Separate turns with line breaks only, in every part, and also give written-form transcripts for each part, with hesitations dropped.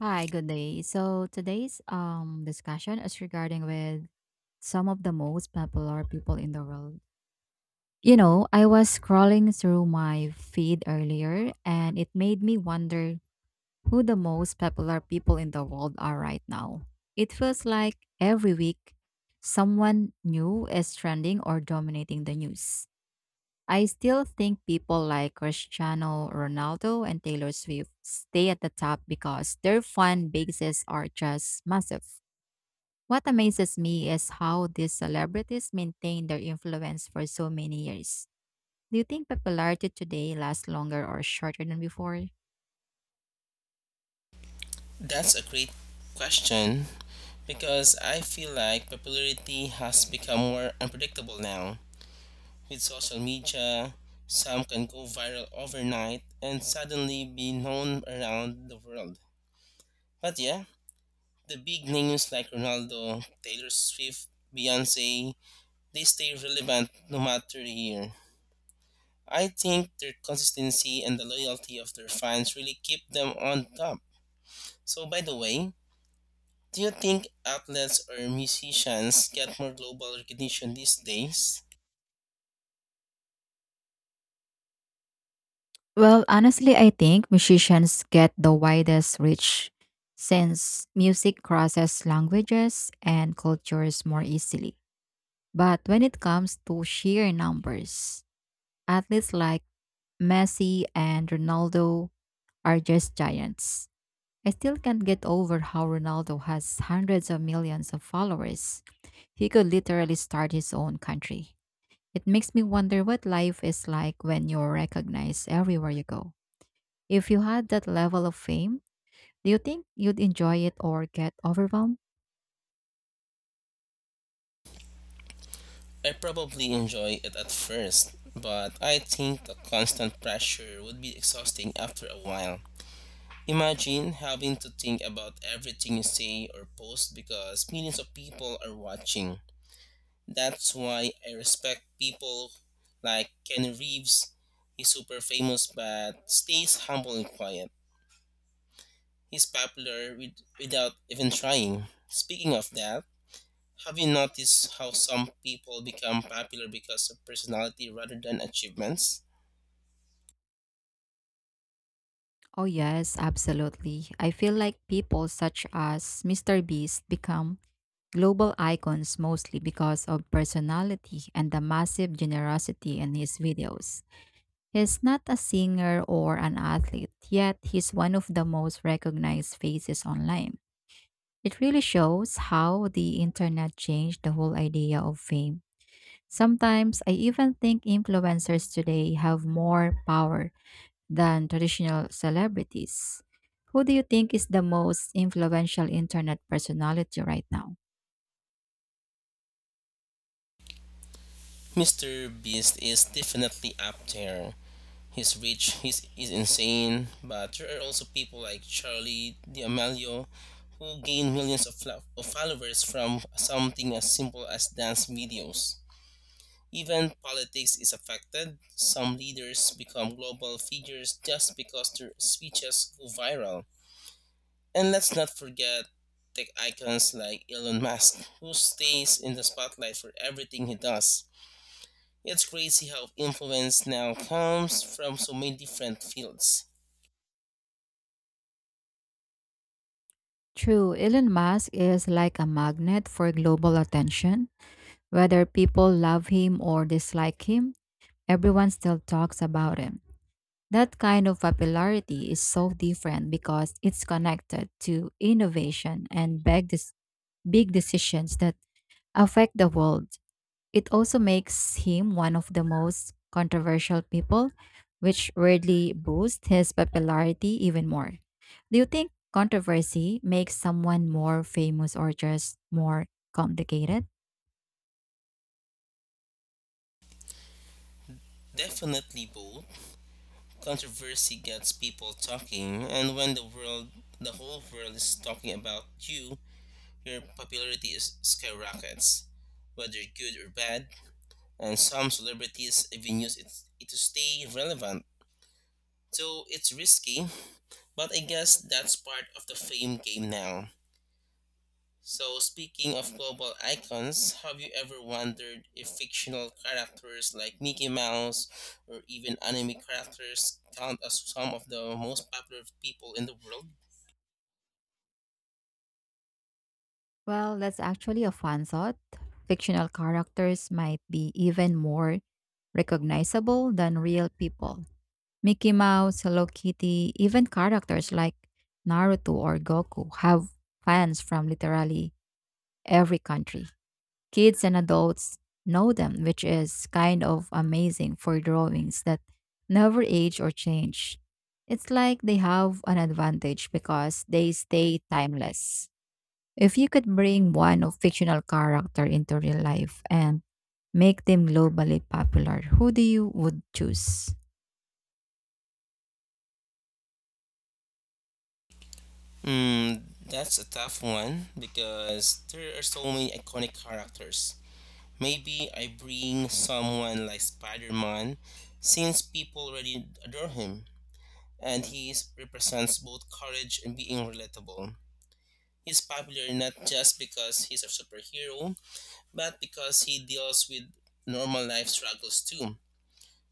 Hi, good day. So today's discussion is regarding with some of the most popular people in the world. You know, I was scrolling through my feed earlier and it made me wonder who the most popular people in the world are right now. It feels like every week someone new is trending or dominating the news. I still think people like Cristiano Ronaldo and Taylor Swift stay at the top because their fan bases are just massive. What amazes me is how these celebrities maintain their influence for so many years. Do you think popularity today lasts longer or shorter than before?
That's a great question because I feel like popularity has become more unpredictable now. With social media, some can go viral overnight and suddenly be known around the world. But yeah, the big names like Ronaldo, Taylor Swift, Beyonce, they stay relevant no matter the year. I think their consistency and the loyalty of their fans really keep them on top. So by the way, do you think athletes or musicians get more global recognition these days?
Well, honestly, I think musicians get the widest reach since music crosses languages and cultures more easily. But when it comes to sheer numbers, athletes like Messi and Ronaldo are just giants. I still can't get over how Ronaldo has hundreds of millions of followers. He could literally start his own country. It makes me wonder what life is like when you're recognized everywhere you go. If you had that level of fame, do you think you'd enjoy it or get overwhelmed?
I probably enjoy it at first, but I think the constant pressure would be exhausting after a while. Imagine having to think about everything you say or post because millions of people are watching. That's why I respect people like Kenny Reeves. He's super famous but stays humble and quiet. He's popular without even trying. Speaking of that, have you noticed how some people become popular because of personality rather than achievements?
Oh, yes, absolutely. I feel like people such as Mr. Beast become global icons mostly because of personality and the massive generosity in his videos. He's not a singer or an athlete, yet he's one of the most recognized faces online. It really shows how the internet changed the whole idea of fame. Sometimes I even think influencers today have more power than traditional celebrities. Who do you think is the most influential internet personality right now?
Mr. Beast is definitely up there. He's rich, he's insane, but there are also people like Charlie D'Amelio who gain millions of, of followers from something as simple as dance videos. Even politics is affected. Some leaders become global figures just because their speeches go viral. And let's not forget tech icons like Elon Musk, who stays in the spotlight for everything he does. It's crazy how influence now comes from so many different fields.
True, Elon Musk is like a magnet for global attention. Whether people love him or dislike him, everyone still talks about him. That kind of popularity is so different because it's connected to innovation and big decisions that affect the world. It also makes him one of the most controversial people, which weirdly boosts his popularity even more. Do you think controversy makes someone more famous or just more complicated?
Definitely both. Controversy gets people talking, and when the whole world is talking about you, your popularity is skyrockets, whether good or bad. And some celebrities even use it to stay relevant. So it's risky, but I guess that's part of the fame game now. So, speaking of global icons, have you ever wondered if fictional characters like Mickey Mouse or even anime characters count as some of the most popular people in the world?
Well, that's actually a fun thought. Fictional characters might be even more recognizable than real people. Mickey Mouse, Hello Kitty, even characters like Naruto or Goku have fans from literally every country. Kids and adults know them, which is kind of amazing for drawings that never age or change. It's like they have an advantage because they stay timeless. If you could bring one of fictional character into real life and make them globally popular, who do you would choose?
Hmm, that's a tough one because there are so many iconic characters. Maybe I bring someone like Spider Man since people already adore him, and he represents both courage and being relatable. He's popular not just because he's a superhero, but because he deals with normal life struggles too.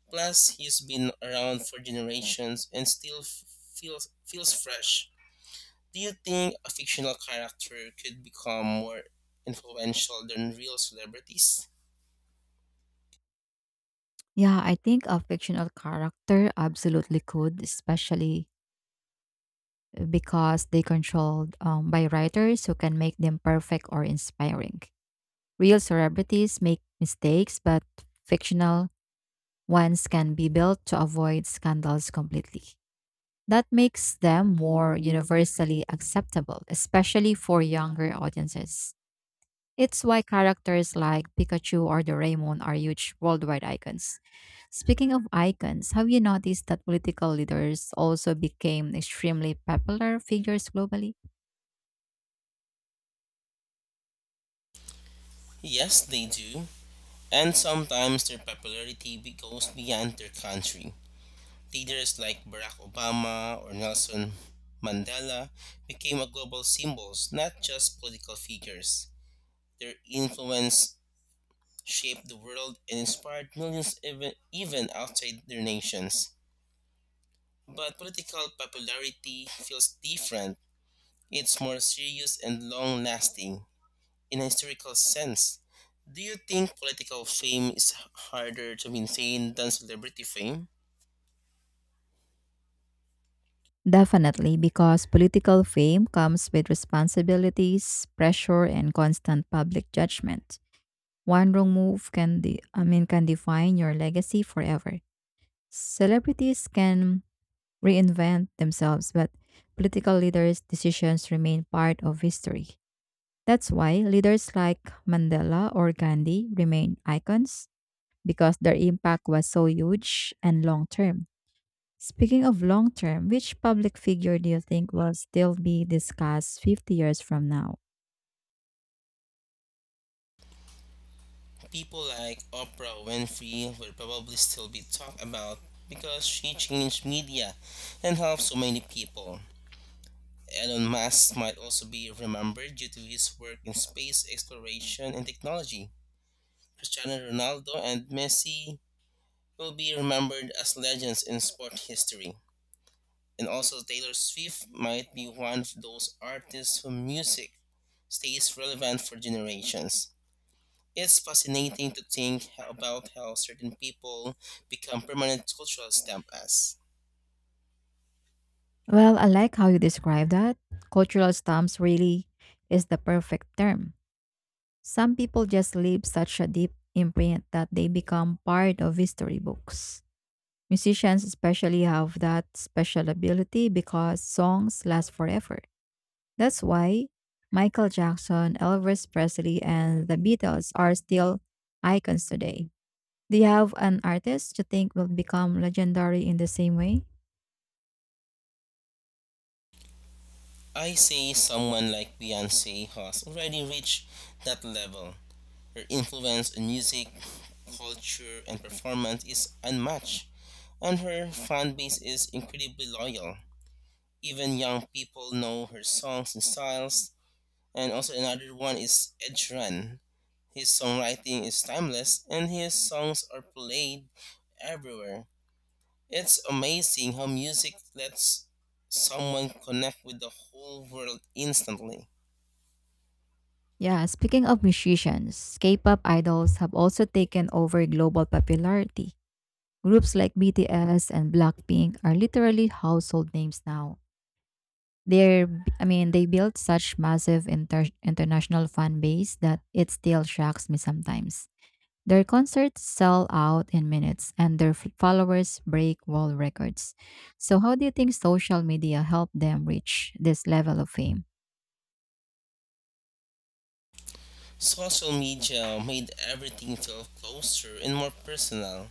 Plus, he's been around for generations and still feels fresh. Do you think a fictional character could become more influential than real celebrities?
Yeah, I think a fictional character absolutely could, especially because they controlled by writers who can make them perfect or inspiring. Real celebrities make mistakes, but fictional ones can be built to avoid scandals completely. That makes them more universally acceptable, especially for younger audiences. It's why characters like Pikachu or Doraemon are huge worldwide icons. Speaking of icons, have you noticed that political leaders also became extremely popular figures globally?
Yes, they do. And sometimes their popularity goes beyond their country. Leaders like Barack Obama or Nelson Mandela became a global symbols, not just political figures. Their influence shaped the world and inspired millions even outside their nations. But political popularity feels different. It's more serious and long lasting in a historical sense. Do you think political fame is harder to maintain than celebrity fame?
Definitely, because political fame comes with responsibilities, pressure, and constant public judgment. One wrong move can, de- I mean, can define your legacy forever. Celebrities can reinvent themselves, but political leaders' decisions remain part of history. That's why leaders like Mandela or Gandhi remain icons because their impact was so huge and long term. Speaking of long term, which public figure do you think will still be discussed 50 years from now?
People like Oprah Winfrey will probably still be talked about because she changed media and helped so many people. Elon Musk might also be remembered due to his work in space exploration and technology. Cristiano Ronaldo and Messi will be remembered as legends in sport history. And also, Taylor Swift might be one of those artists whose music stays relevant for generations. It's fascinating to think about how certain people become permanent cultural stamp as.
Well, I like how you describe that. Cultural stamps really is the perfect term. Some people just leave such a deep imprint that they become part of history books. Musicians, especially, have that special ability because songs last forever. That's why Michael Jackson, Elvis Presley, and the Beatles are still icons today. Do you have an artist you think will become legendary in the same way?
I say someone like Beyonce has already reached that level. Her influence on music, culture, and performance is unmatched, and her fan base is incredibly loyal. Even young people know her songs and styles. And also another one is Ed Sheeran. His songwriting is timeless, and his songs are played everywhere. It's amazing how music lets someone connect with the whole world instantly.
Yeah, speaking of musicians, K-pop idols have also taken over global popularity. Groups like BTS and Blackpink are literally household names now. They're they built such massive international fan base that it still shocks me sometimes. Their concerts sell out in minutes and their followers break world records. So, how do you think social media helped them reach this level of fame?
Social media made everything feel closer and more personal.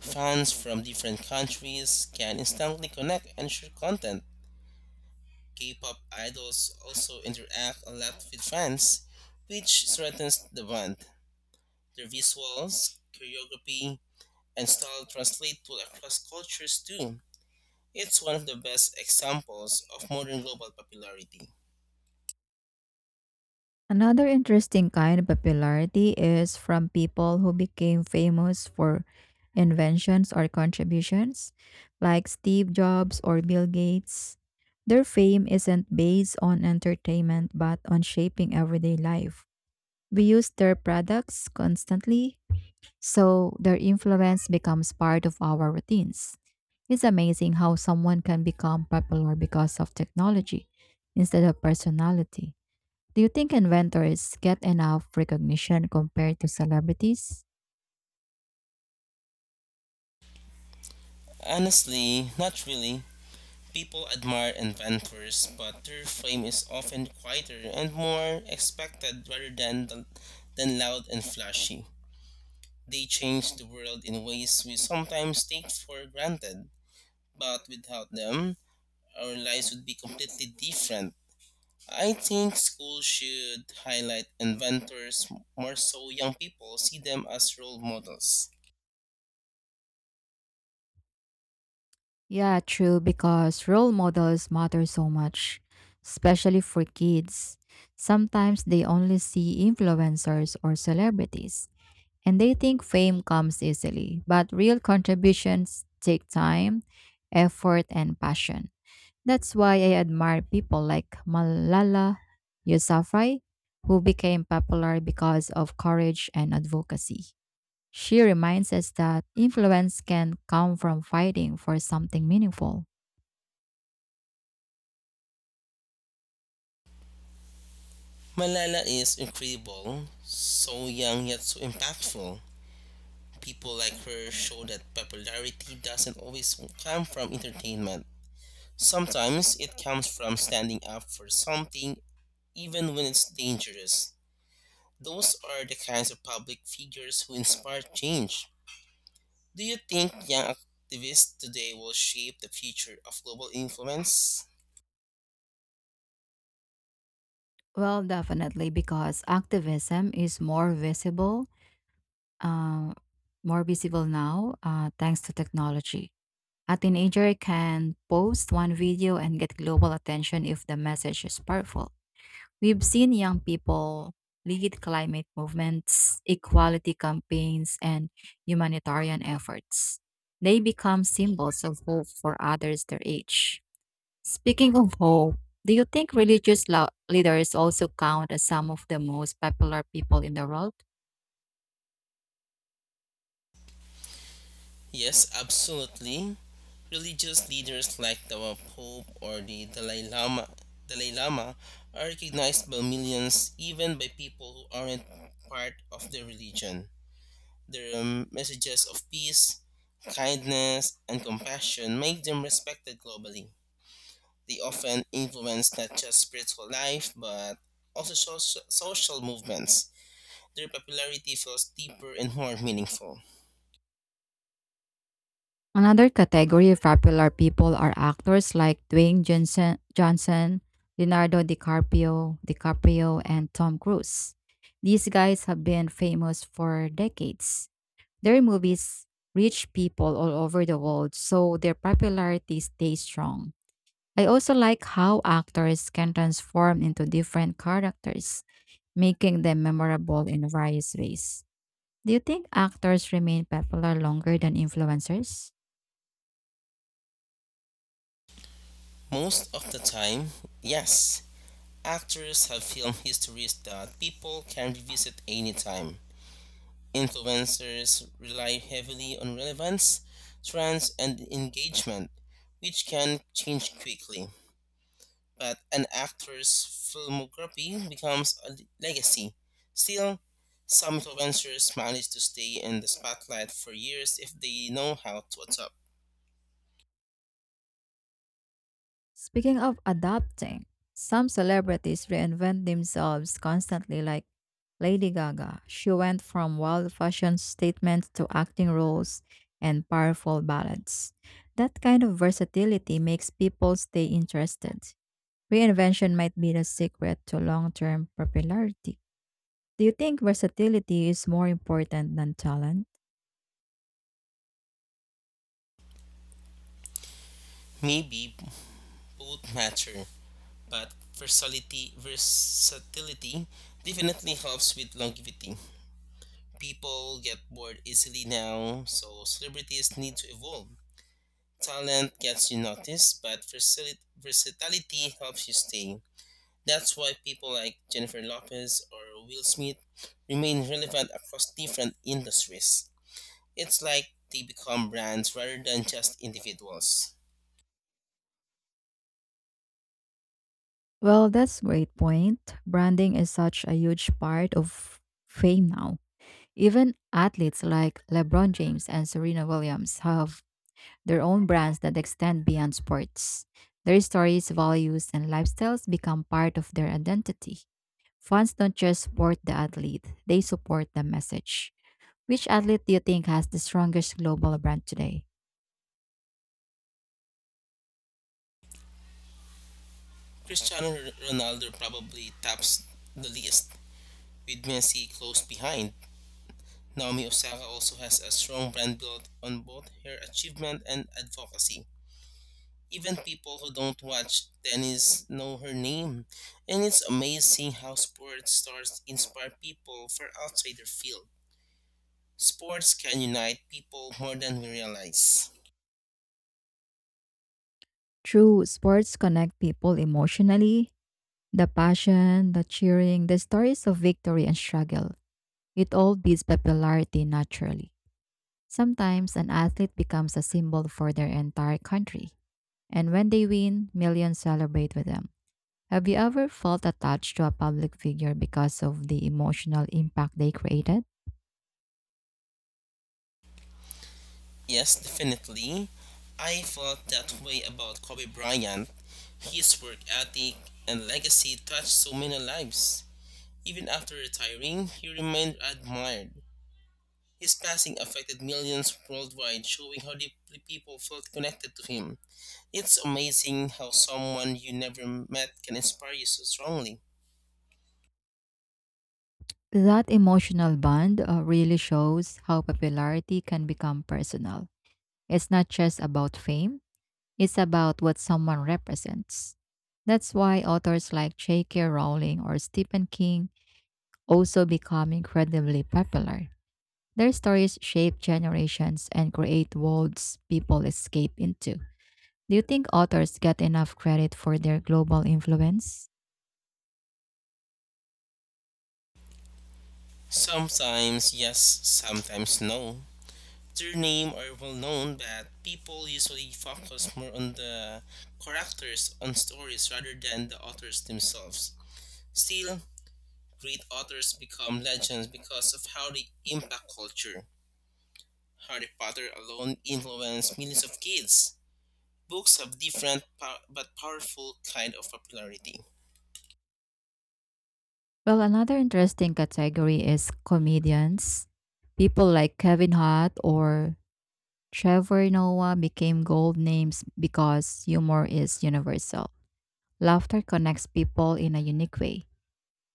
Fans from different countries can instantly connect and share content. K pop idols also interact a lot with fans, which strengthens the bond. Their visuals, choreography, and style translate to across cultures too. It's one of the best examples of modern global popularity.
Another interesting kind of popularity is from people who became famous for inventions or contributions, like Steve Jobs or Bill Gates. Their fame isn't based on entertainment but on shaping everyday life. We use their products constantly, so their influence becomes part of our routines. It's amazing how someone can become popular because of technology instead of personality. Do you think inventors get enough recognition compared to celebrities?
Honestly, not really. People admire inventors, but their fame is often quieter and more expected rather than loud and flashy. They change the world in ways we sometimes take for granted, but without them, our lives would be completely different. I think schools should highlight inventors more so young people see them as role models.
Yeah, true, because role models matter so much, especially for kids. Sometimes they only see influencers or celebrities. And they think fame comes easily, but real contributions take time, effort, and passion. That's why I admire people like Malala Yousafzai, who became popular because of courage and advocacy. She reminds us that influence can come from fighting for something meaningful.
Malala is incredible, so young yet so impactful. People like her show that popularity doesn't always come from entertainment. Sometimes it comes from standing up for something, even when it's dangerous. Those are the kinds of public figures who inspire change. Do you think young activists today will shape the future of global influence?
Well, definitely, because activism is uh, more visible now, thanks to technology. A teenager can post one video and get global attention if the message is powerful. We've seen young people lead climate movements, equality campaigns, and humanitarian efforts. They become symbols of hope for others their age. Speaking of hope, do you think religious leaders also count as some of the most popular people in the world?
Yes, absolutely. Religious leaders like the Pope or Dalai Lama are recognized by millions, even by people who aren't part of their religion. Their messages of peace, kindness, and compassion make them respected globally. They often influence not just spiritual life, but also social movements. Their popularity feels deeper and more meaningful.
Another category of popular people are actors like Dwayne Johnson, Leonardo DiCaprio, and Tom Cruise. These guys have been famous for decades. Their movies reach people all over the world, so their popularity stays strong. I also like how actors can transform into different characters, making them memorable in various ways. Do you think actors remain popular longer than influencers?
Most of the time, yes. Actors have film histories that people can revisit anytime. Influencers rely heavily on relevance, trends, and engagement, which can change quickly. But an actor's filmography becomes a legacy. Still, some influencers manage to stay in the spotlight for years if they know how to adapt.
Speaking of adapting, some celebrities reinvent themselves constantly, like Lady Gaga. She went from wild fashion statements to acting roles and powerful ballads. That kind of versatility makes people stay interested. Reinvention might be the secret to long term popularity. Do you think versatility is more important than talent?
Maybe both matter, but versatility definitely helps with longevity. People get bored easily now, so celebrities need to evolve. Talent gets you noticed, but versatility helps you stay. That's why people like Jennifer Lopez or Will Smith remain relevant across different industries. It's like they become brands rather than just individuals.
Well, that's a great point. Branding is such a huge part of fame now. Even athletes like LeBron James and Serena Williams have their own brands that extend beyond sports. Their stories, values, and lifestyles become part of their identity. Fans don't just support the athlete, they support the message. Which athlete do you think has the strongest global brand today?
Cristiano Ronaldo probably tops the list, with Messi close behind. Naomi Osaka also has a strong brand built on both her achievement and advocacy. Even people who don't watch tennis know her name, and it's amazing how sports stars inspire people far outside their field. Sports can unite people more than we realize.
True, sports connect people emotionally. The passion, the cheering, the stories of victory and struggle, it all builds popularity naturally. Sometimes an athlete becomes a symbol for their entire country. And when they win, millions celebrate with them. Have you ever felt attached to a public figure because of the emotional impact they created?
Yes, definitely. I felt that way about Kobe Bryant. His work ethic and legacy touched so many lives. Even after retiring, he remained admired. His passing affected millions worldwide, showing how deeply people felt connected to him. It's amazing how someone you never met can inspire you so strongly.
That emotional bond really shows how popularity can become personal. It's not just about fame, it's about what someone represents. That's why authors like J.K. Rowling or Stephen King also become incredibly popular. Their stories shape generations and create worlds people escape into. Do you think authors get enough credit for their global influence?
Sometimes yes, sometimes no. Their name are well known, but people usually focus more on the characters on stories rather than the authors themselves. Still, great authors become legends because of how they impact culture. Harry Potter alone influenced millions of kids. Books have different but powerful kind of popularity.
Well, another interesting category is comedians. People like Kevin Hart or Trevor Noah became gold names because humor is universal. Laughter connects people in a unique way.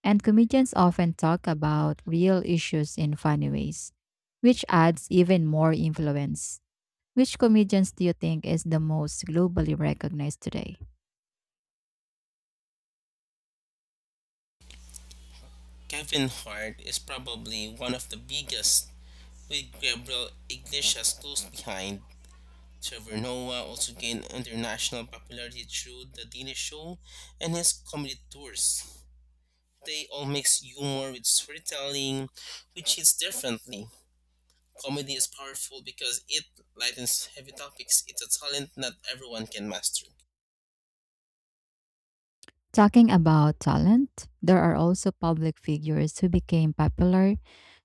And comedians often talk about real issues in funny ways, which adds even more influence. Which comedians do you think is the most globally recognized today?
Kevin Hart is probably one of the biggest, with Gabriel Iglesias close behind. Trevor Noah also gained international popularity through The Daily Show and his comedy tours. They all mix humor with storytelling, which hits differently. Comedy is powerful because it lightens heavy topics. It's a talent not everyone can master.
Talking about talent, there are also public figures who became popular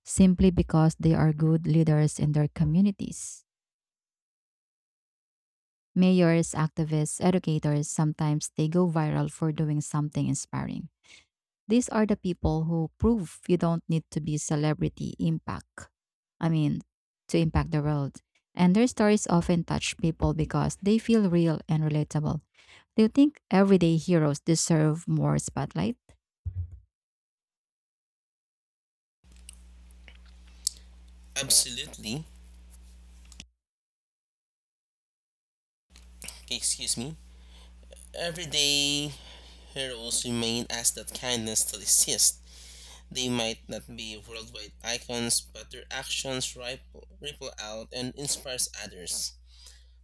simply because they are good leaders in their communities. Mayors, activists, educators sometimes they go viral for doing something inspiring. These are the people who prove you don't need to be celebrity impact. I mean, to impact the world. And their stories often touch people because they feel real and relatable. Do you think everyday heroes deserve more spotlight?
Absolutely. Okay, excuse me. Every day heroes remain as that kindness still exists. They might not be worldwide icons, but their actions ripple out and inspires others.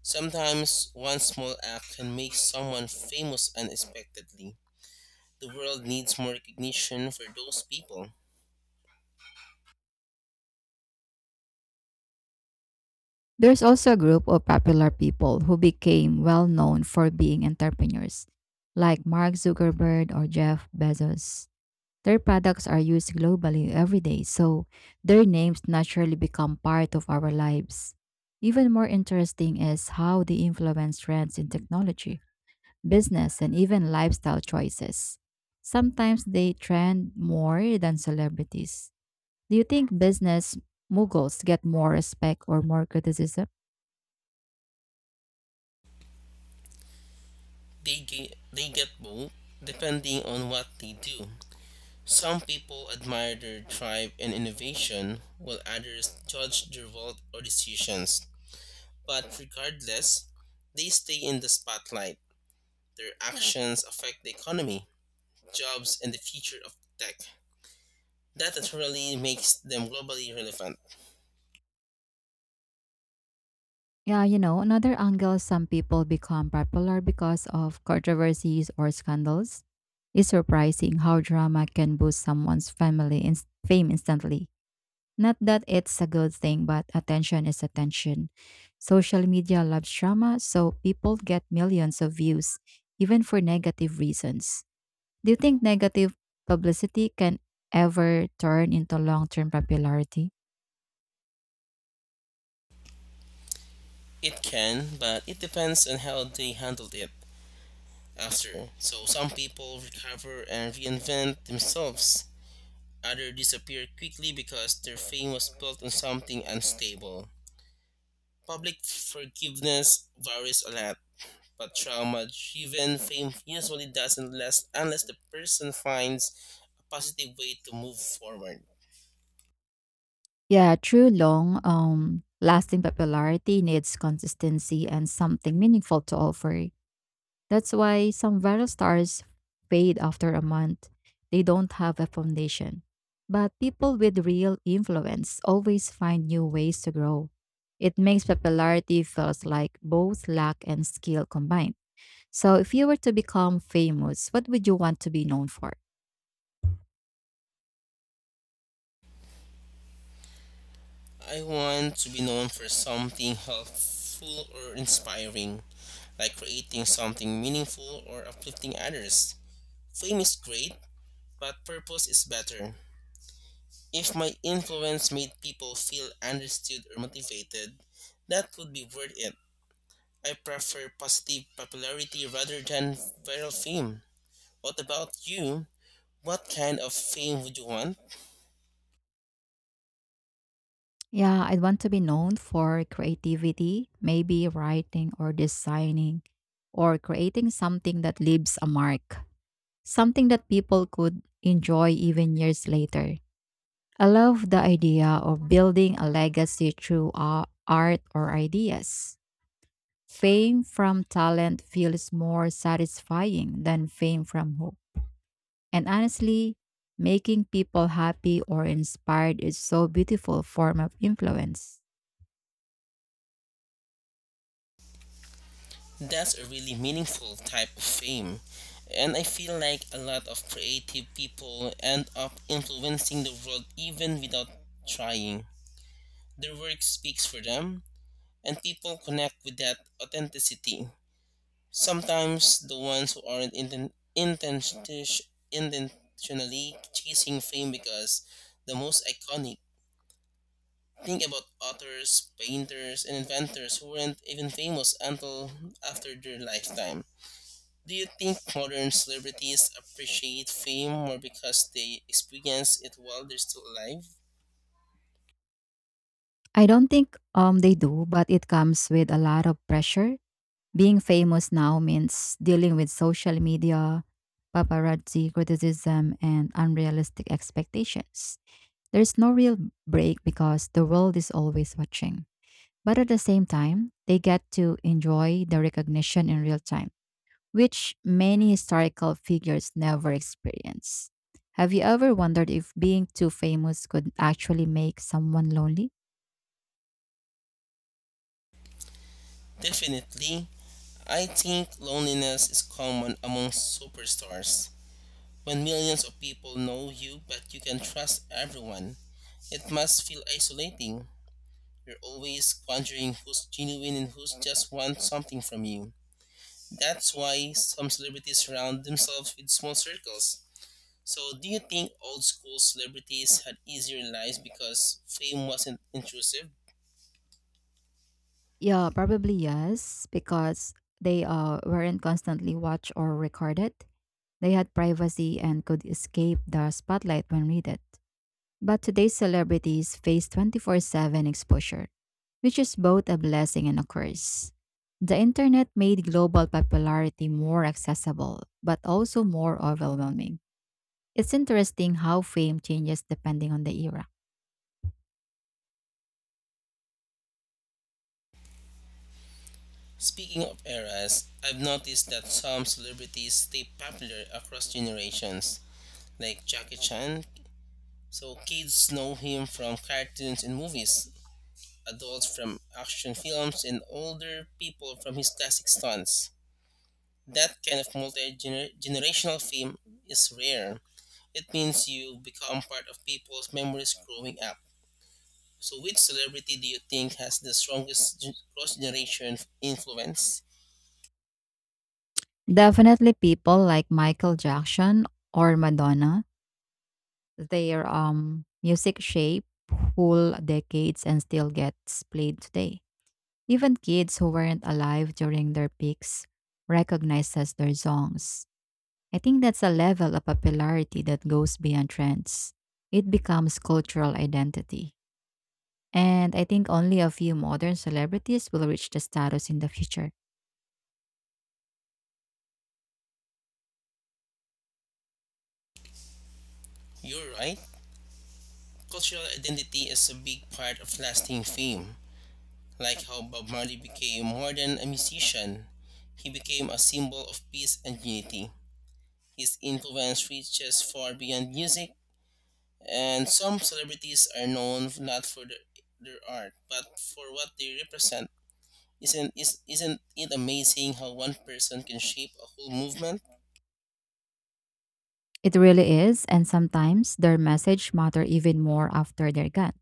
Sometimes one small act can make someone famous unexpectedly. The world needs more recognition for those people.
There's also a group of popular people who became well known for being entrepreneurs, like Mark Zuckerberg or Jeff Bezos. Their products are used globally every day, so their names naturally become part of our lives. Even more interesting is how they influence trends in technology, business, and even lifestyle choices. Sometimes they trend more than celebrities. Do you think business moguls get more respect or more criticism?
They get both depending on what they do. Some people admire their drive and innovation, while others judge their wealth or decisions. But regardless, they stay in the spotlight. Their actions affect the economy, jobs, and the future of tech. That naturally makes them globally relevant.
Yeah, you know, another angle some people become popular because of controversies or scandals. It's surprising how drama can boost fame instantly. Not that it's a good thing, but attention is attention. Social media loves drama, so people get millions of views, even for negative reasons. Do you think negative publicity can ever turn into long term popularity?
It can, but it depends on how they handled it after. So some people recover and reinvent themselves. Others disappear quickly because their fame was built on something unstable. Public forgiveness varies a lot, but trauma driven fame usually doesn't last unless the person finds a positive way to move forward.
Yeah, true, lasting popularity needs consistency and something meaningful to offer. That's why some viral stars fade after a month. They don't have a foundation. But people with real influence always find new ways to grow. It makes popularity feels like both luck and skill combined. So if you were to become famous, what would you want to be known for?
I want to be known for something helpful or inspiring, like creating something meaningful or uplifting others. Fame is great, but purpose is better. If my influence made people feel understood or motivated, that would be worth it. I prefer positive popularity rather than viral fame. What about you? What kind of fame would you want?
Yeah, I'd want to be known for creativity, maybe writing or designing or creating something that leaves a mark, something that people could enjoy even years later. I love the idea of building a legacy through art or ideas. Fame from talent feels more satisfying than fame from hope. And honestly, making people happy or inspired is so beautiful form of influence.
That's a really meaningful type of fame. And I feel like a lot of creative people end up influencing the world even without trying. Their work speaks for them, and people connect with that authenticity. Sometimes the ones who aren't intenti- intentionally chasing fame because the most iconic. Think about authors, painters, and inventors who weren't even famous until after their lifetime. Do you think modern celebrities appreciate fame more because they experience it while they're still alive?
I don't think they do, but it comes with a lot of pressure. Being famous now means dealing with social media, paparazzi criticism, and unrealistic expectations. There's no real break because the world is always watching. But at the same time, they get to enjoy the recognition in real time, which many historical figures never experience. Have you ever wondered if being too famous could actually make someone lonely?
Definitely. I think loneliness is common among superstars. When millions of people know you but you can trust everyone, it must feel isolating. You're always wondering who's genuine and who's just wants something from you. That's why some celebrities surround themselves with small circles. So, do you think old school celebrities had easier lives because fame wasn't intrusive?
Yeah, probably yes, because they weren't constantly watched or recorded. They had privacy and could escape the spotlight when needed. But today's celebrities face 24/7 exposure, which is both a blessing and a curse. The internet made global popularity more accessible, but also more overwhelming. It's interesting how fame changes depending on the era.
Speaking of eras, I've noticed that some celebrities stay popular across generations, like Jackie Chan. So kids know him from cartoons and movies, adults from action films, and older people from his classic stunts. That kind of multi generational fame is rare. It means you become part of people's memories growing up. So, which celebrity do you think has the strongest cross generation influence?
Definitely, people like Michael Jackson or Madonna. Their music shaped whole decades and still gets played today. Even kids who weren't alive during their peaks recognizes their songs. I think that's a level of popularity that goes beyond trends. It becomes cultural identity. And I think only a few modern celebrities will reach the status in the future.
You're right. Cultural identity is a big part of lasting fame, like how Bob Marley became more than a musician. He became a symbol of peace and unity. His influence reaches far beyond music, and some celebrities are known not their art, but for what they represent. Isn't it amazing how one person can shape a whole movement?
It really is, and sometimes their message matter even more after they're gone.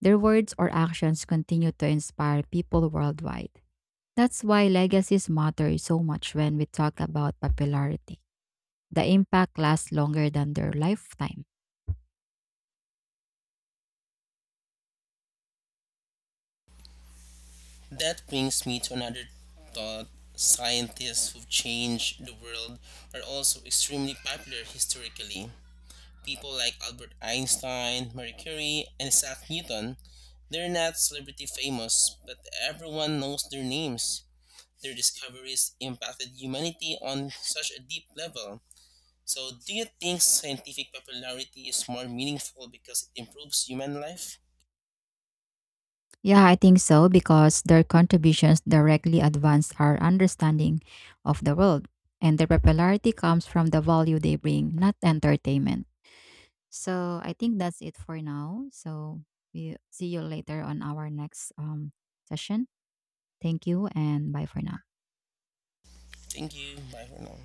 Their words or actions continue to inspire people worldwide. That's why legacies matter so much when we talk about popularity. The impact lasts longer than their lifetime.
That brings me to another thought. Scientists who've changed the world are also extremely popular historically. People like Albert Einstein, Marie Curie, and Isaac Newton. They're not celebrity famous, but everyone knows their names. Their discoveries impacted humanity on such a deep level. So, do you think scientific popularity is more meaningful because it improves human life?
Yeah, I think so because their contributions directly advance our understanding of the world. And their popularity comes from the value they bring, not entertainment. So I think that's it for now. So we see you later on our next session. Thank you and bye for now.
Thank you. Bye for now.